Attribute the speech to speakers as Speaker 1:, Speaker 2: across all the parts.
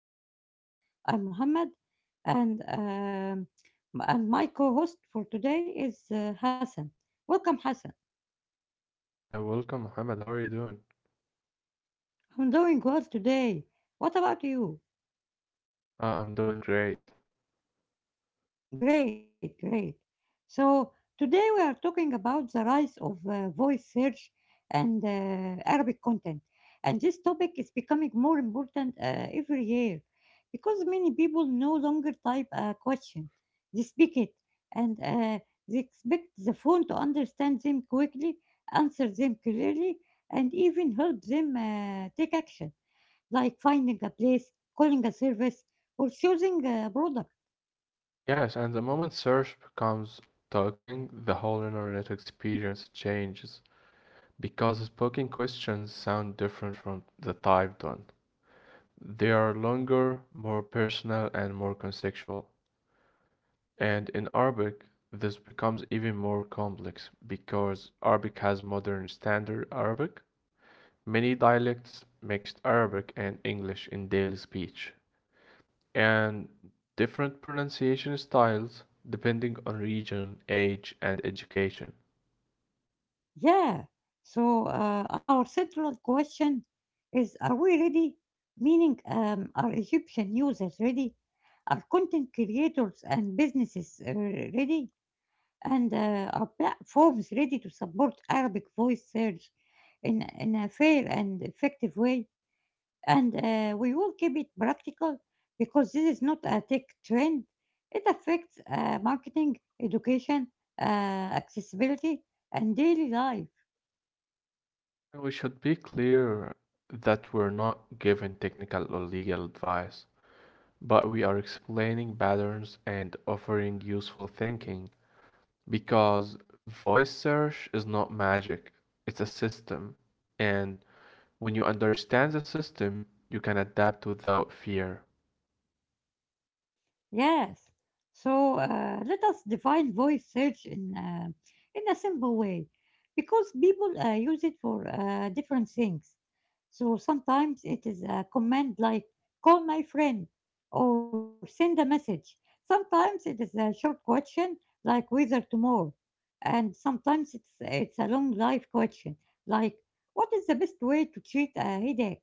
Speaker 1: new episode. I'm Muhammad, and um, and my co-host for today is Hassan. Welcome, Hassan.
Speaker 2: Welcome, Mohammed. How are you doing?
Speaker 1: I'm doing well today. What about you?
Speaker 2: I'm doing great.
Speaker 1: Great, great. So today we are talking about the rise of voice search and Arabic content. And this topic is becoming more important every year because many people no longer type a question, they speak it, and they expect the phone to understand them quickly, answer them clearly, and even help them take action, like finding a place, calling a service, or choosing a product.
Speaker 2: Yes, and the moment search becomes talking, the whole internet experience changes because spoken questions sound different from the typed one. They are longer, more personal, and more conceptual. And in Arabic, this becomes even more complex because Arabic has modern standard Arabic, many dialects, mixed Arabic and English in daily speech. And different pronunciation styles depending on region, age, and education.
Speaker 1: Yeah. So our central question is: Are we ready? Meaning, are Egyptian users ready? Are content creators and businesses ready? And are platforms ready to support Arabic voice search in a fair and effective way? And we will keep it practical because this is not a tech trend. It affects marketing, education, accessibility, and daily life.
Speaker 2: And we should be clear that we're not giving technical or legal advice, but we are explaining patterns and offering useful thinking because voice search is not magic, it's a system. And when you understand the system, you can adapt without fear.
Speaker 1: Yes. So let us define voice search in a simple way, because people use it for different things. So sometimes it is a command like "call my friend" or "send a message." Sometimes it is a short question like "whether tomorrow," and sometimes it's a long life question like "what is the best way to treat a headache?"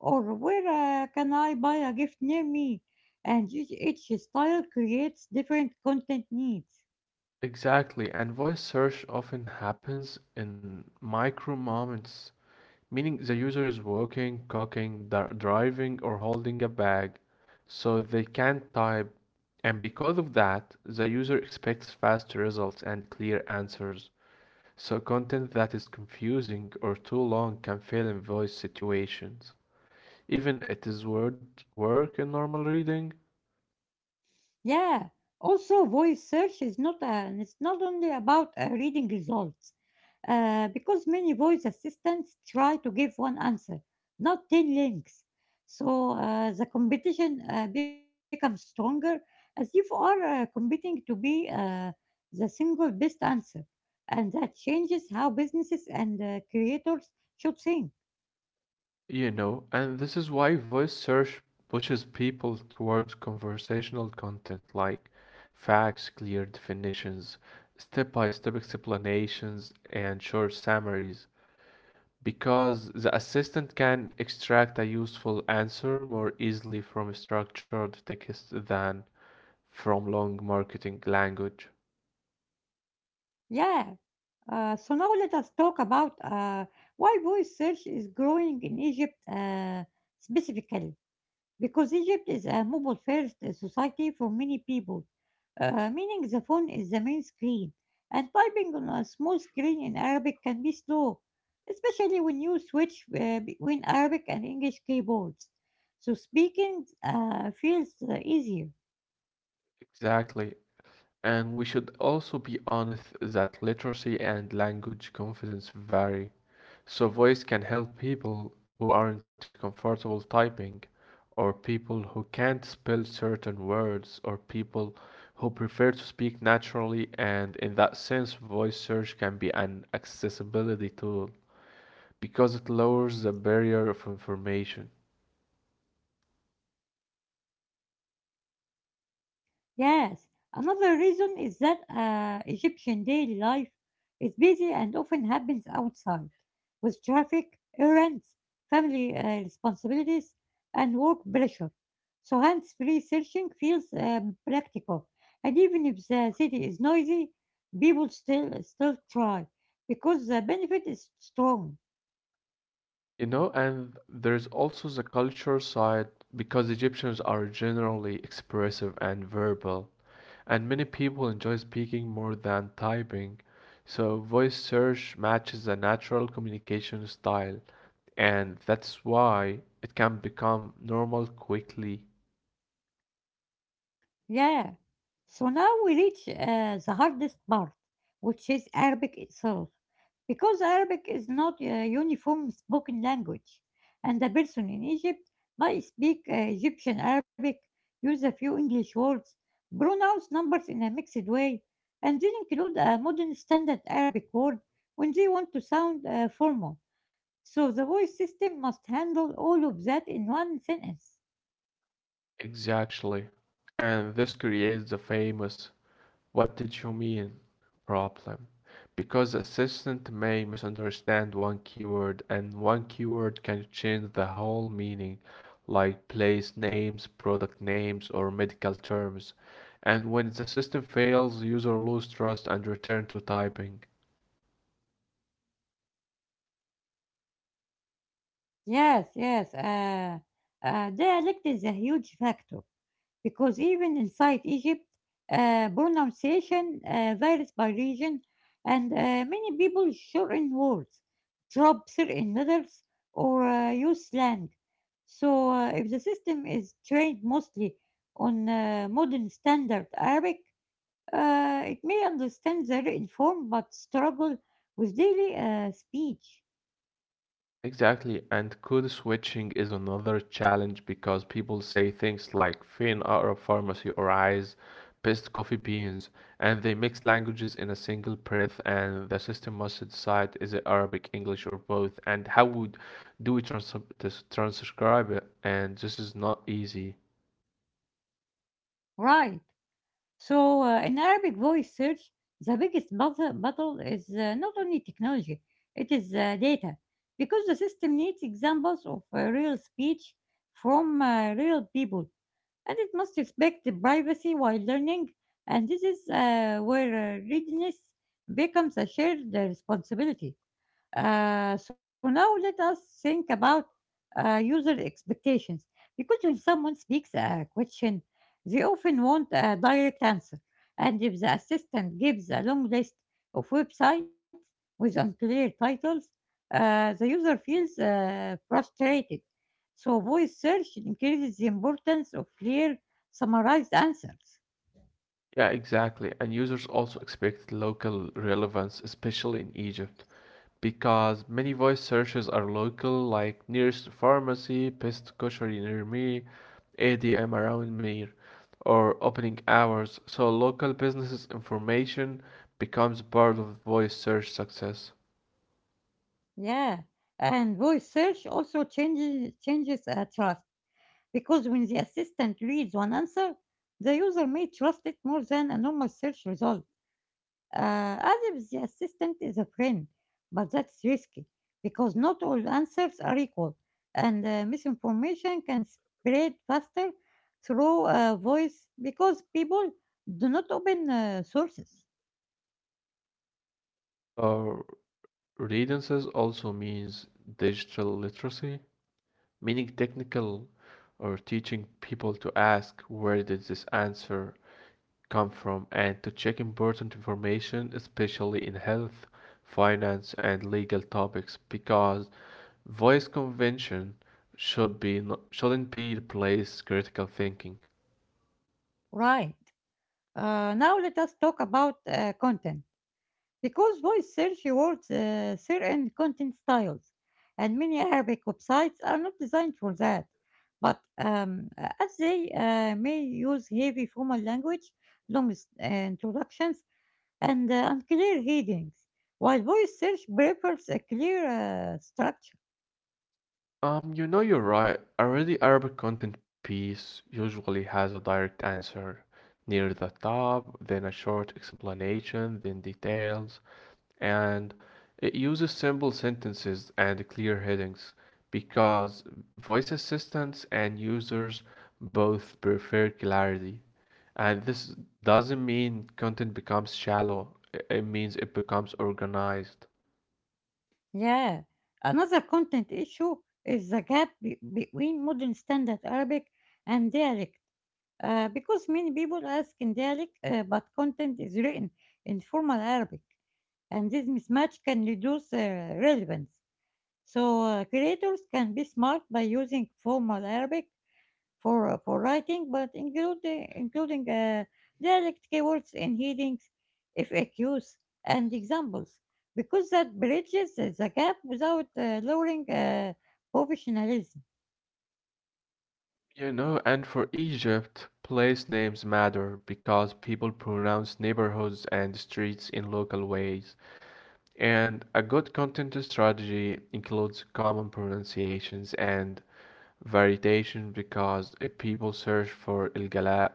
Speaker 1: Or where can I buy a gift near me? And each style creates different content needs.
Speaker 2: Exactly, and voice search often happens in micro moments, meaning the user is walking, cooking, driving, or holding a bag, so they can't type. And because of that, the user expects fast results and clear answers. So content that is confusing or too long can fail in voice situations. Even it is word work in normal reading.
Speaker 1: Yeah. Also, voice search is not it's not only about reading results, because many voice assistants try to give one answer, not 10 links. So the competition becomes stronger as if you are competing to be the single best answer. And that changes how businesses and creators should think.
Speaker 2: You know, and this is why voice search pushes people towards conversational content like facts, clear definitions, step by step explanations, and short summaries, because the assistant can extract a useful answer more easily from structured text than from long marketing language.
Speaker 1: Yeah, so now let us talk about why voice search is growing in Egypt specifically, because Egypt is a mobile first society for many people, meaning the phone is the main screen, and typing on a small screen in Arabic can be slow, especially when you switch between Arabic and English keyboards. So speaking feels easier.
Speaker 2: Exactly. And we should also be honest that literacy and language confidence vary. So voice can help people who aren't comfortable typing, or people who can't spell certain words, or people who prefer to speak naturally. And in that sense, voice search can be an accessibility tool because it lowers the barrier of information.
Speaker 1: Yes, another reason is that Egyptian daily life is busy and often happens outside, with traffic, errands, family responsibilities, and work pressure. So hands-free searching feels practical, and even if the city is noisy, people still try because the benefit is strong.
Speaker 2: You know, and there's also the culture side because Egyptians are generally expressive and verbal. And many people enjoy speaking more than typing, so voice search matches a natural communication style, and that's why it can become normal quickly.
Speaker 1: Yeah. So now we reach the hardest part, which is Arabic itself, because Arabic is not a uniform spoken language, and a person in Egypt might speak Egyptian Arabic, use a few English words, pronounce numbers in a mixed way, and then include a modern standard Arabic word when they want to sound formal. So the voice system must handle all of that in one sentence.
Speaker 2: Exactly. And this creates the famous "What did you mean?" problem. Because the assistant may misunderstand one keyword and one keyword can change the whole meaning, like place names, product names, or medical terms. And when the system fails, user lose trust and return to typing.
Speaker 1: Yes, yes, uh, Dialect is a huge factor. Because even inside Egypt, pronunciation varies by region, and many people shorten words, drop certain letters, or use slang. So, if the system is trained mostly on modern standard Arabic, it may understand the written form but struggle with daily speech.
Speaker 2: Exactly, and code switching is another challenge because people say things like "fin Arab pharmacy" or "eyes best coffee beans," and they mix languages in a single breath, and the system must decide is it Arabic, English, or both, and how would do we transcribe it? And this is not easy.
Speaker 1: Right. So in Arabic voice search, the biggest battle is not only technology, it is data, because the system needs examples of real speech from real people, and it must respect the privacy while learning. And this is where readiness becomes a shared responsibility. So now let us think about user expectations. Because when someone speaks a question, they often want a direct answer. And if the assistant gives a long list of websites with unclear titles, the user feels frustrated. So voice search increases the importance of clear, summarized answers.
Speaker 2: Yeah, exactly, and users also expect local relevance, especially in Egypt. Because many voice searches are local, like nearest pharmacy, best grocery near me, 8 a.m. around me, or opening hours. So local businesses information becomes part of voice search success.
Speaker 1: Yeah, and voice search also changes trust. Because when the assistant reads one answer, the user may trust it more than a normal search result. As if the assistant is a friend, but that's risky because not all answers are equal, and misinformation can spread faster through voice because people do not open sources.
Speaker 2: Or readances also means digital literacy, meaning technical or teaching people to ask where did this answer come from and to check important information, especially in health, finance, and legal topics, because voice convention shouldn't be replace critical thinking.
Speaker 1: Right. Now let us talk about content. Because voice search words certain content styles, and many Arabic websites are not designed for that. But as they may use heavy formal language, long introductions, and unclear headings, while voice search prefers a clear structure.
Speaker 2: You're right. Already Arabic content piece usually has a direct answer near the top, then a short explanation, then details. And it uses simple sentences and clear headings because voice assistants and users both prefer clarity. And this doesn't mean content becomes shallow, it means it becomes organized.
Speaker 1: Yeah, another content issue is the gap between modern standard Arabic and dialect. Because many people ask in Gaelic, but content is written in formal Arabic, and this mismatch can reduce relevance. So creators can be smart by using formal Arabic for writing, but including dialect keywords in headings, FAQs, and examples, because that bridges the gap without lowering professionalism.
Speaker 2: You know, and for Egypt, place names matter because people pronounce neighborhoods and streets in local ways. And a good content strategy includes common pronunciations and variation because if people search for Ilgala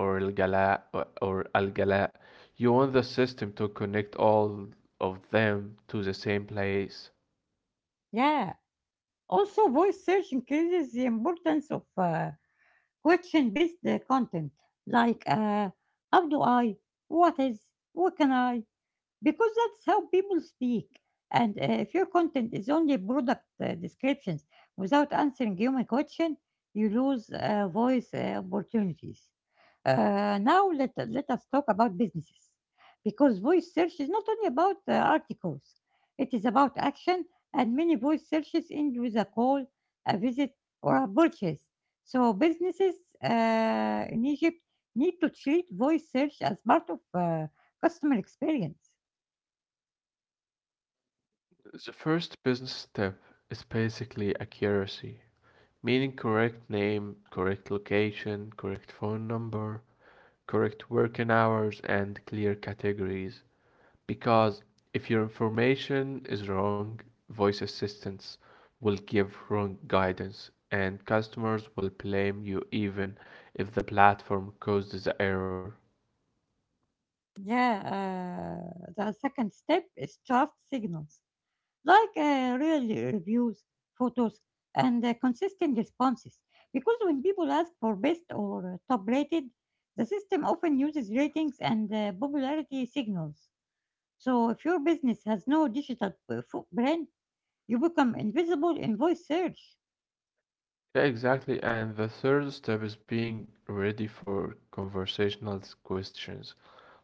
Speaker 2: or Ilgala or Al Algala, you want the system to connect all of them to the same place.
Speaker 1: Yeah. Also, voice search increases the importance of question based content like how do I, what is, what can I, because that's how people speak. And if your content is only product descriptions without answering human question, you lose voice opportunities. Now let us talk about businesses because voice search is not only about articles, it is about action, and many voice searches end with a call, a visit, or a purchase. So, businesses in Egypt need to treat voice search as part of customer experience.
Speaker 2: The first business step is basically accuracy, meaning correct name, correct location, correct phone number, correct working hours, and clear categories. Because if your information is wrong, voice assistants will give wrong guidance and customers will blame you even if the platform causes the error.
Speaker 1: Yeah, the second step is trust signals, like real reviews, photos, and consistent responses. Because when people ask for best or top rated, the system often uses ratings and popularity signals. So if your business has no digital footprint, you become invisible in voice search.
Speaker 2: Yeah, exactly. And the third step is being ready for conversational questions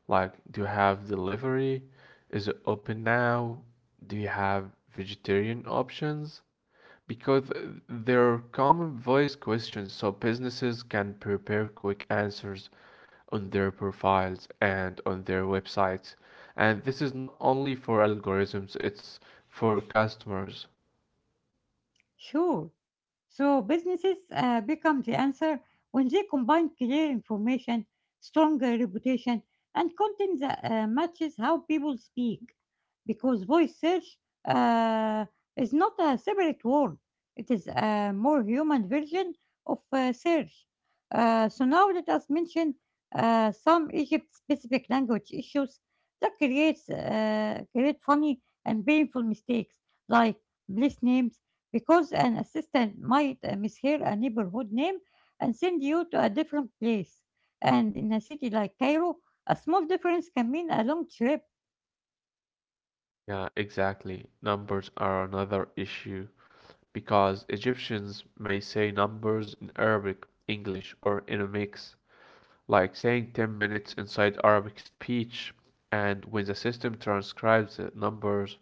Speaker 2: like do you have delivery? Is it open now? Do you have vegetarian options? Because they're common voice questions, so businesses can prepare quick answers on their profiles and on their websites. And this is not only for algorithms, it's for customers.
Speaker 1: Sure. So businesses become the answer when they combine clear information, stronger reputation, and content that matches how people speak. Because voice search uh, is not a separate word, it is a more human version of search. So now let us mention some Egypt-specific language issues that create funny and painful mistakes like place names because an assistant might mishear a neighborhood name and send you to a different place. And in a city like Cairo, a small difference can mean a long trip.
Speaker 2: Yeah, exactly. Numbers are another issue because Egyptians may say numbers in Arabic, English, or in a mix, like saying 10 minutes inside Arabic speech. And when the system transcribes the numbers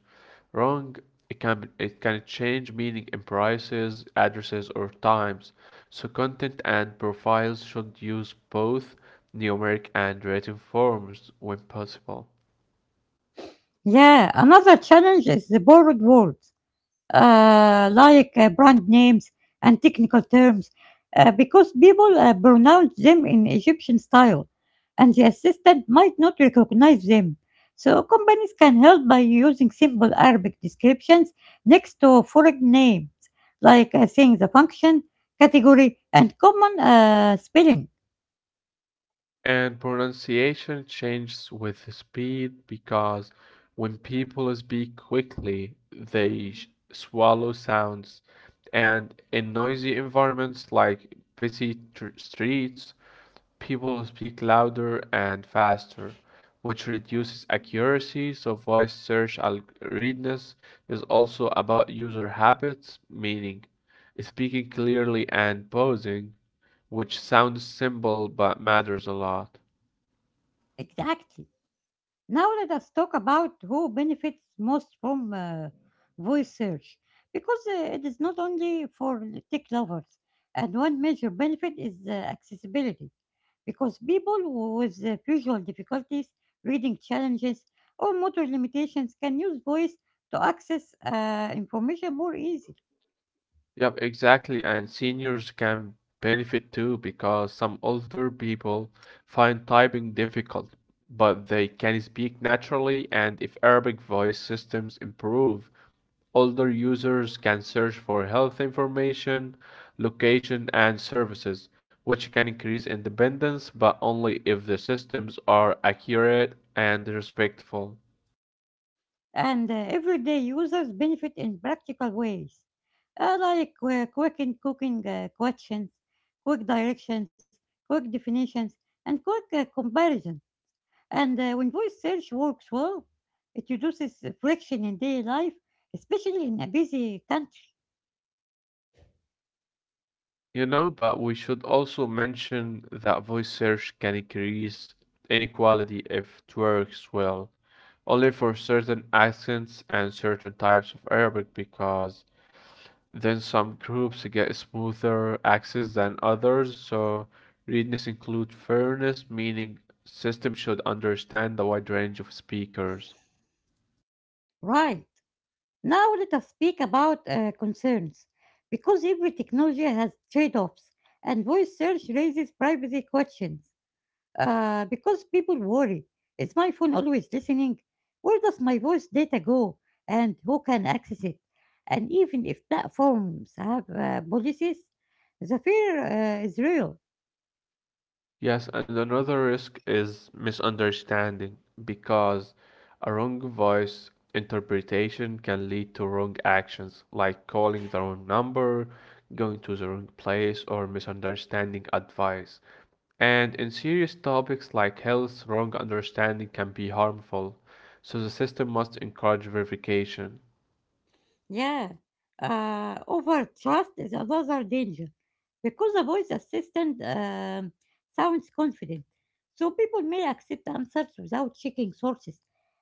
Speaker 2: wrong, it can change meaning in prices, addresses, or times. So content and profiles should use both numeric and written forms when possible.
Speaker 1: Yeah, another challenge is the borrowed words, like brand names and technical terms because people pronounce them in Egyptian style and the assistant might not recognize them. So companies can help by using simple Arabic descriptions next to foreign names, like saying the function, category, and common spelling.
Speaker 2: And pronunciation changes with speed because when people speak quickly they swallow sounds, and in noisy environments like busy streets, people speak louder and faster, which reduces accuracy. So voice search algorithms is also about user habits, meaning speaking clearly and pausing, which sounds simple but matters a lot.
Speaker 1: Exactly. Now let us talk about who benefits most from voice search, because it is not only for tech lovers. And one major benefit is accessibility, because people with visual difficulties, reading challenges, or motor limitations can use voice to access information more easily.
Speaker 2: Yep, exactly. And seniors can benefit too because some older people find typing difficult, but they can speak naturally, and if Arabic voice systems improve, older users can search for health information, location, and services, which can increase independence, but only if the systems are accurate and respectful.
Speaker 1: And everyday users benefit in practical ways, like quick in cooking questions, quick directions, quick definitions, and quick comparison. And when voice search works well, it reduces friction in daily life, especially in a busy country.
Speaker 2: You know, but we should also mention that voice search can increase inequality if it works well only for certain accents and certain types of Arabic, because then some groups get smoother access than others, so readiness includes fairness, meaning system should understand the wide range of speakers.
Speaker 1: Right. Now let us speak about concerns. Because every technology has trade-offs, and voice search raises privacy questions. Because people worry. Is my phone always listening? Where does my voice data go? And who can access it? And even if platforms have policies, the fear is real.
Speaker 2: Yes, and another risk is misunderstanding because a wrong voice interpretation can lead to wrong actions, like calling the wrong number, going to the wrong place, or misunderstanding advice. And in serious topics like health, wrong understanding can be harmful, so the system must encourage verification.
Speaker 1: Yeah. Over trust is another danger. Because the voice assistant sounds confident, so people may accept answers without checking sources.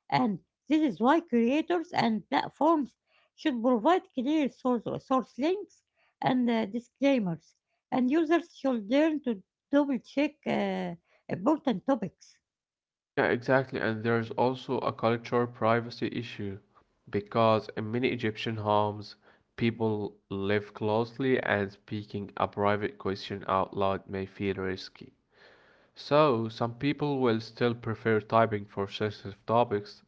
Speaker 1: And this is why creators and platforms should provide clear source links and disclaimers, and users should learn to double check important topics.
Speaker 2: Yeah, exactly, and there's also a cultural privacy issue because in many Egyptian homes, people live closely and speaking a private question out loud may feel risky. So some people will still prefer typing for sensitive topics,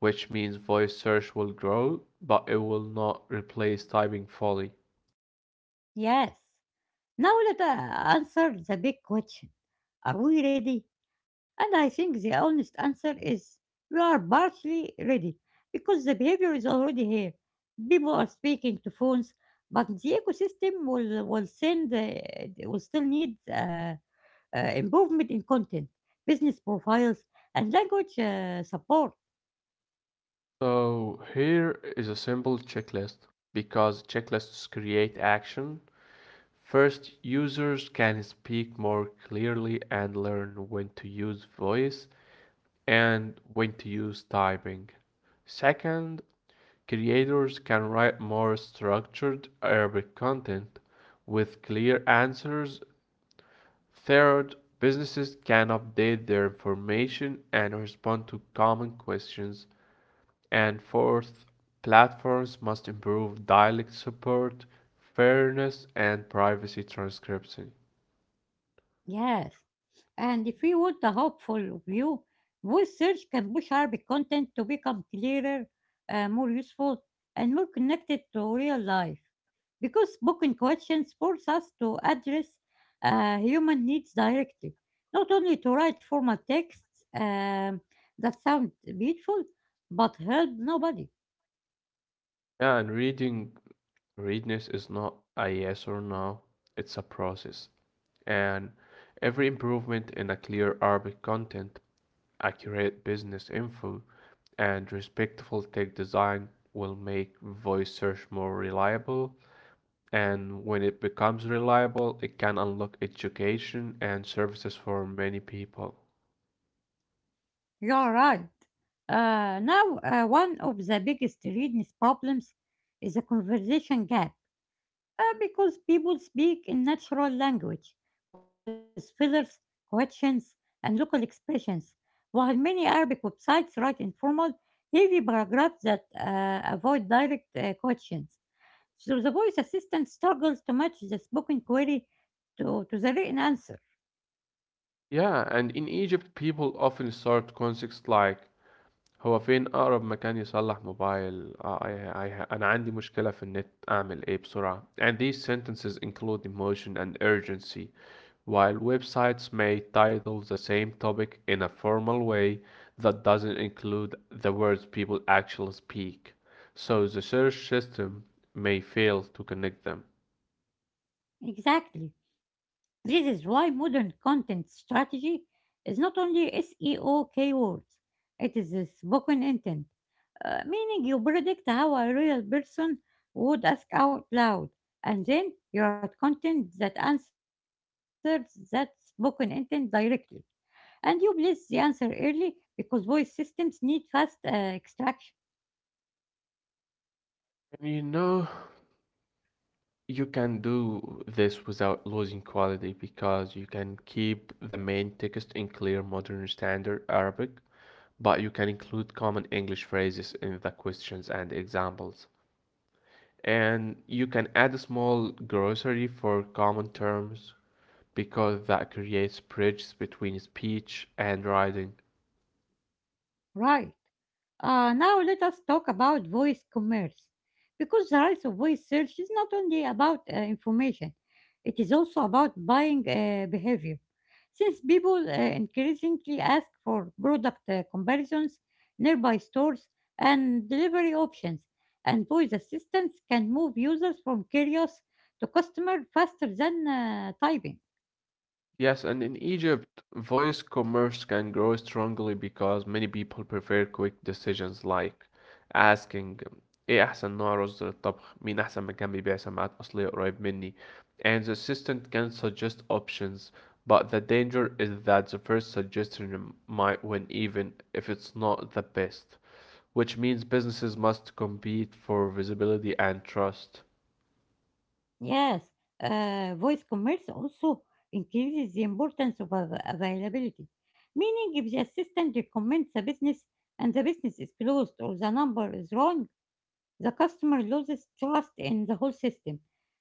Speaker 2: which means voice search will grow, but it will not replace typing fully.
Speaker 1: Yes. Now let I answer the big question. Are we ready? And I think the honest answer is we are partly ready because the behavior is already here. People are speaking to phones, but the ecosystem will still need improvement in content, business profiles, and language support.
Speaker 2: So here is a simple checklist because checklists create action. First, users can speak more clearly and learn when to use voice and when to use typing. Second, creators can write more structured Arabic content with clear answers. Third, businesses can update their information and respond to common questions. And fourth, platforms must improve dialect support, fairness, and privacy transcription.
Speaker 1: Yes, and if we want a hopeful view, voice search can push Arabic content to become clearer, more useful, and more connected to real life. Because spoken questions force us to address human needs directly, not only to write formal texts that sound beautiful, but help nobody.
Speaker 2: Yeah, and reading readiness is not a yes or no, it's a process. And every improvement in a clear Arabic content, accurate business info, and respectful tech design will make voice search more reliable. And when it becomes reliable, it can unlock education and services for many people.
Speaker 1: You're right. Now, one of the biggest readiness problems is a conversation gap. Because people speak in natural language with fillers, questions, and local expressions, while many Arabic websites write informal, heavy paragraphs that avoid direct questions. So the voice assistant struggles to match the spoken query to the written answer.
Speaker 2: Yeah, and in Egypt, people often start concepts like هو فين أقرب مكان يصلح موبايل؟ آه، أنا عندي مشكلة في النت أعمل إيه بسرعة؟ And these sentences include emotion and urgency, while websites may title the same topic in a formal way that doesn't include the words people actually speak. So the search system may fail to connect them.
Speaker 1: Exactly. This is why modern content strategy is not only SEO keywords, it is the spoken intent meaning you predict how a real person would ask out loud, and then you write content that answers that spoken intent directly. And you place the answer early because voice systems need fast extraction.
Speaker 2: And you know, you can do this without losing quality because you can keep the main text in clear modern standard Arabic, but you can include common English phrases in the questions and examples. And you can add a small glossary for common terms because that creates bridges between speech and writing.
Speaker 1: Right. Now let us talk about voice commerce, because the rise of voice search is not only about information, it is also about buying behavior. Since people increasingly ask for product comparisons, nearby stores, and delivery options, and voice assistants can move users from curious to customer faster than typing.
Speaker 2: Yes, and in Egypt, voice commerce can grow strongly because many people prefer quick decisions like asking ايه احسن نوع رز للطبخ مين احسن مكان بيبيع سماعات اصلية قريب مني, and the assistant can suggest options, but the danger is that the first suggestion might win even if it's not the best, which means businesses must compete for visibility and trust.
Speaker 1: Yes, voice commerce also increases the importance of availability, meaning if the assistant recommends a business and the business is closed or the number is wrong, the customer loses trust in the whole system.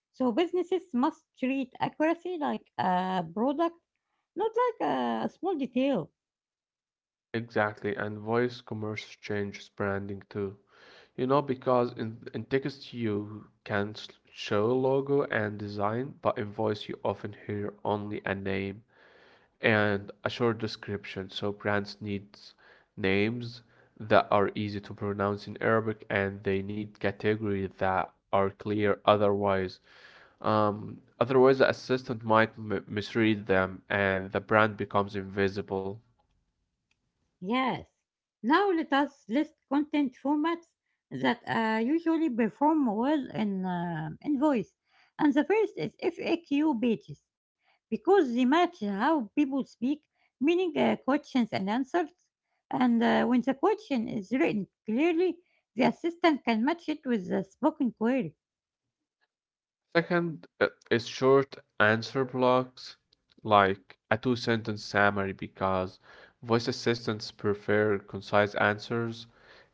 Speaker 1: So businesses must treat accuracy like a product, not like a small detail.
Speaker 2: Exactly, and voice commerce changes branding too. You know, because in text you can show logo and design, but in voice you often hear only a name and a short description. So brands need names that are easy to pronounce in Arabic and they need categories that are clear. Otherwise, otherwise the assistant might m misread them and the brand becomes invisible.
Speaker 1: Yes. Now let us list content formats that usually perform well in voice. And the first is FAQ pages because they match how people speak, meaning questions and answers. And when the question is written clearly, the assistant can match it with the spoken query.
Speaker 2: Second is short answer blocks, like a two sentence summary, because voice assistants prefer concise answers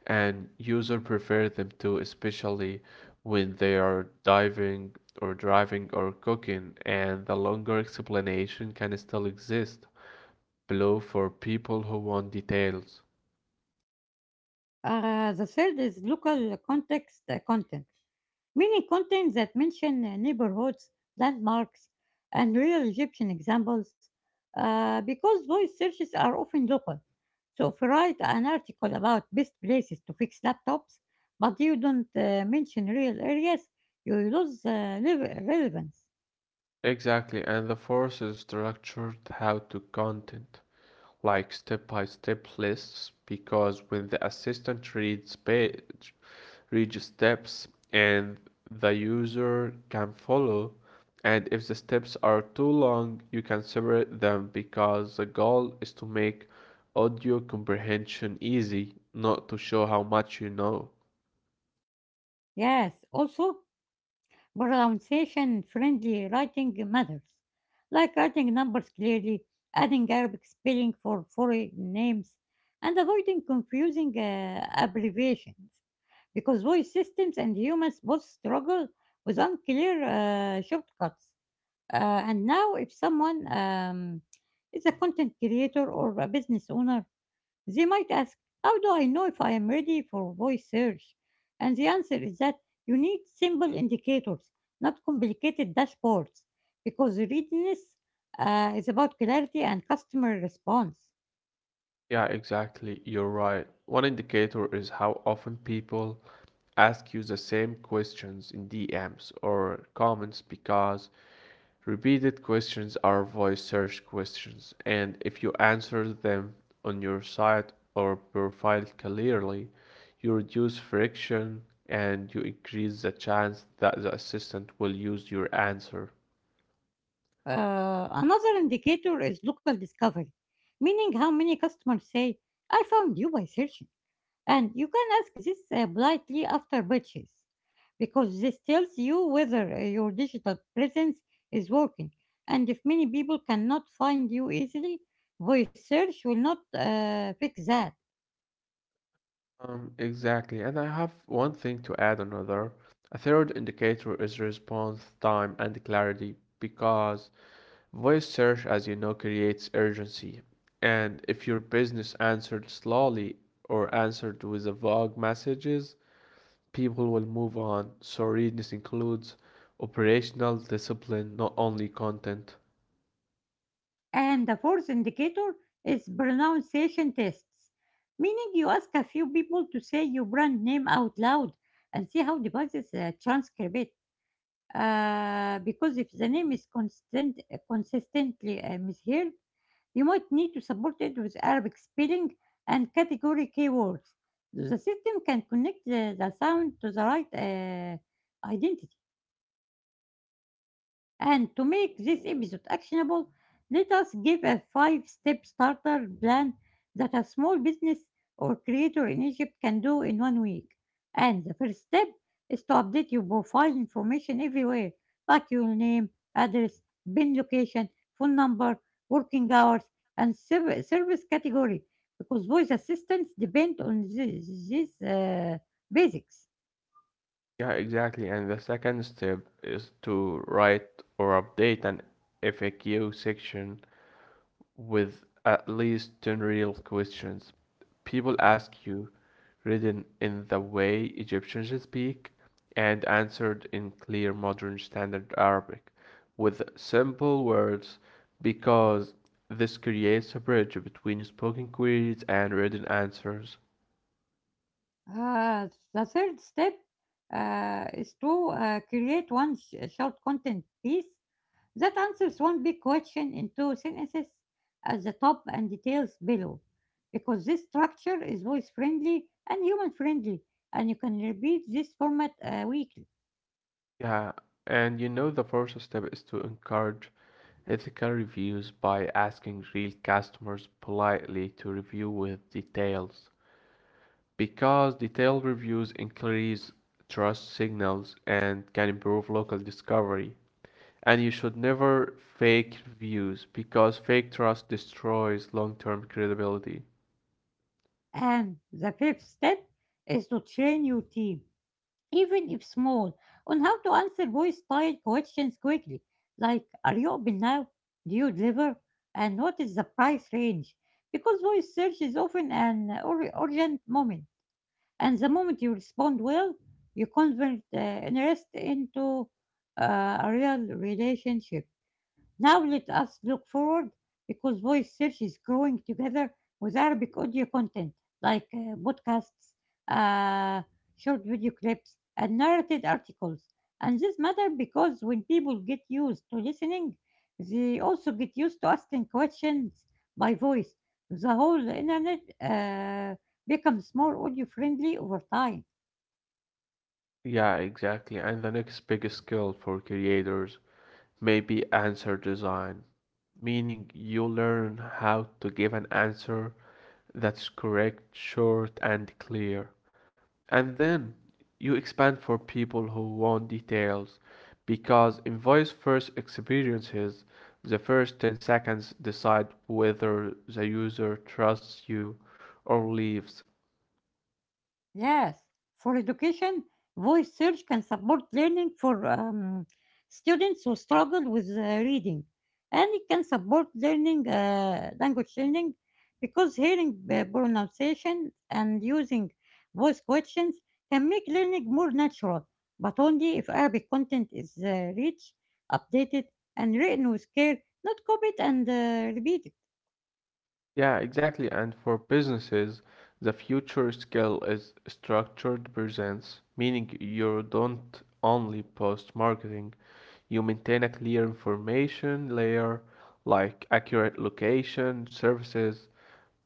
Speaker 2: and user prefer them too, especially when they are diving or driving or cooking, and the longer explanation can still exist below for people who want details.
Speaker 1: The third is local context content, meaning content that mention neighborhoods, landmarks, and real Egyptian examples, because voice searches are often local. So if you write an article about best places to fix laptops, but you don't mention real areas, you lose relevance.
Speaker 2: Exactly, and the fourth is structured how to content, like step-by-step lists, because when the assistant reads page reads steps and the user can follow. And if the steps are too long you can separate them, because the goal is to make audio comprehension easy, not to show how much you know.
Speaker 1: Yes, also pronunciation friendly writing matters, like writing numbers clearly, adding Arabic spelling for foreign names, and avoiding confusing abbreviations, because voice systems and humans both struggle with unclear shortcuts. And now, if someone is a content creator or a business owner, they might ask, how do I know if I am ready for voice search? And the answer is that you need simple indicators, not complicated dashboards, because readiness is about clarity and customer response.
Speaker 2: Yeah, exactly, you're right. One indicator is how often people ask you the same questions in DMs or comments, because repeated questions are voice search questions, and if you answer them on your site or profile clearly, you reduce friction and you increase the chance that the assistant will use your answer.
Speaker 1: Another indicator is local discovery, meaning how many customers say, I found you by searching. And you can ask this politely after purchase because this tells you whether your digital presence is working. And if many people cannot find you easily, voice search will not fix that.
Speaker 2: Exactly. And I have one thing to add another. A third indicator is response time and clarity because voice search, as you know, creates urgency. And if your business answered slowly or answered with a vague messages, people will move on. So readiness includes operational discipline, not only content.
Speaker 1: And the fourth indicator is pronunciation tests, meaning you ask a few people to say your brand name out loud and see how devices transcribe it. Because if the name is consistently misheard, you might need to support it with Arabic spelling and category keywords. The system can connect the sound to the right identity. And to make this episode actionable, let us give a five step starter plan that a small business or creator in Egypt can do in one week. And the first step is to update your profile information everywhere, like your name, address, bin location, phone number, working hours, and service category, because voice assistants depend on these basics.
Speaker 2: Yeah, exactly. And the second step is to write or update an FAQ section with at least 10 real questions. People ask you, written in the way Egyptians speak, and answered in clear modern standard Arabic with simple words, because this creates a bridge between spoken queries and written answers.
Speaker 1: Uh, the third step is to create one short content piece that answers one big question in two sentences at the top and details below. Because this structure is voice friendly and human friendly, and you can repeat this format weekly.
Speaker 2: Yeah, and you know, the first step is to encourage ethical reviews by asking real customers politely to review with details, because detailed reviews increase trust signals and can improve local discovery. And you should never fake reviews because fake trust destroys long-term credibility.
Speaker 1: And the fifth step is to train your team even if small, on how to answer voice style questions quickly, like are you open now? Do you deliver? And what is the price range? Because voice search is often an urgent moment, and the moment you respond well, you convert interest into a real relationship. Now let us look forward because voice search is growing together with Arabic audio content like podcasts, uh, short video clips, and narrated articles. And this matter because when people get used to listening, they also get used to asking questions by voice. The whole internet becomes more audio friendly over time.
Speaker 2: Yeah, exactly. And the next big skill for creators may be answer design, meaning you learn how to give an answer that's correct, short, and clear. And then you expand for people who want details because in voice first experiences, the first 10 seconds decide whether the user trusts you or leaves.
Speaker 1: Yes, for education, voice search can support learning for students who struggle with reading, and it can support learning language learning because hearing pronunciation and using voice questions can make learning more natural, but only if Arabic content is rich, updated, and written with care, not copied and repeated.
Speaker 2: Yeah, exactly. And for businesses, the future skill is structured presence, meaning you don't only post marketing, you maintain a clear information layer like accurate location, services,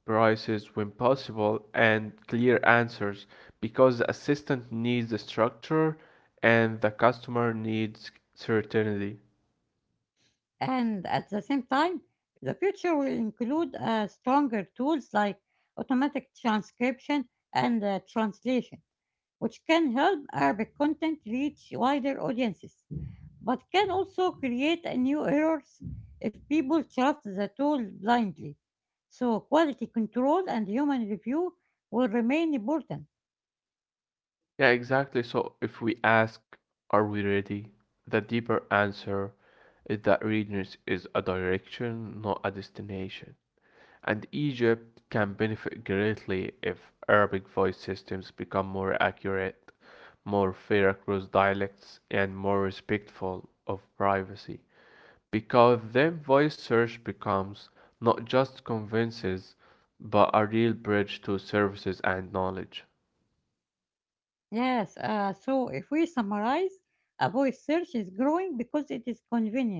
Speaker 2: prices when possible, and clear answers, because the assistant needs the structure and the customer needs certainty.
Speaker 1: And at the same time, the future will include stronger tools like automatic transcription and translation, which can help Arabic content reach wider audiences, but can also create a new errors if people trust the tool blindly. So quality control and human review will remain important.
Speaker 2: Yeah, exactly. So if we ask, are we ready? The deeper answer is that readiness is a direction, not a destination. And Egypt can benefit greatly if Arabic voice systems become more accurate, more fair across dialects, and more respectful of privacy. Because then voice search becomes not just conveniences but a real bridge to services and knowledge.
Speaker 1: Yes, so if we summarize, a voice search is growing because it is convenient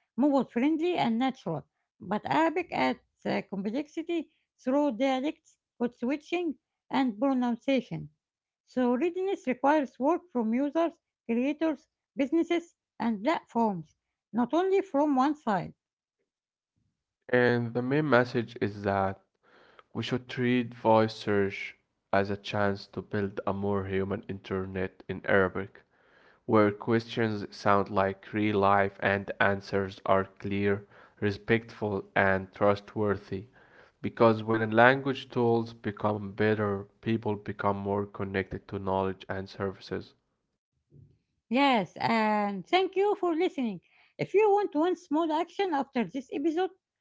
Speaker 1: mobile friendly and natural. But Arabic adds complexity through dialects, code switching, and pronunciation. So readiness requires work from users, creators, businesses, and platforms, not only from one side.
Speaker 2: And the main message is that we should treat voice search as a chance to build a more human internet in Arabic where questions sound like real life and answers are clear, respectful, and trustworthy. Because when language tools become better, people become more connected to knowledge and services.
Speaker 1: Yes, and thank you for listening. If you want one small action after this episode,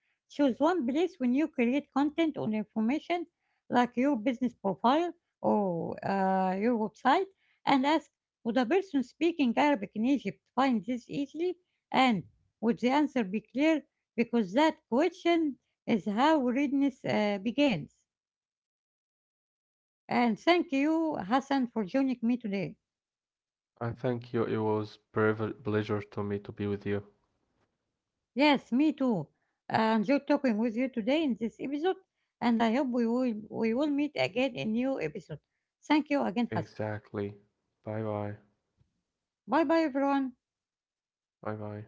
Speaker 1: choose one place when you create content or information like your business profile or your website and ask, would a person speaking Arabic in Egypt find this easily? And would the answer be clear? Because that question is how readiness begins. And thank you, Hassan, for joining me today.
Speaker 2: I thank you. It was a pleasure to me to be with you.
Speaker 1: Yes, me too. I enjoyed talking with you today in this episode, and I hope we will meet again in new episode. Thank you again, Hassan.
Speaker 2: Exactly. Bye bye.
Speaker 1: Bye bye, everyone.
Speaker 2: Bye bye.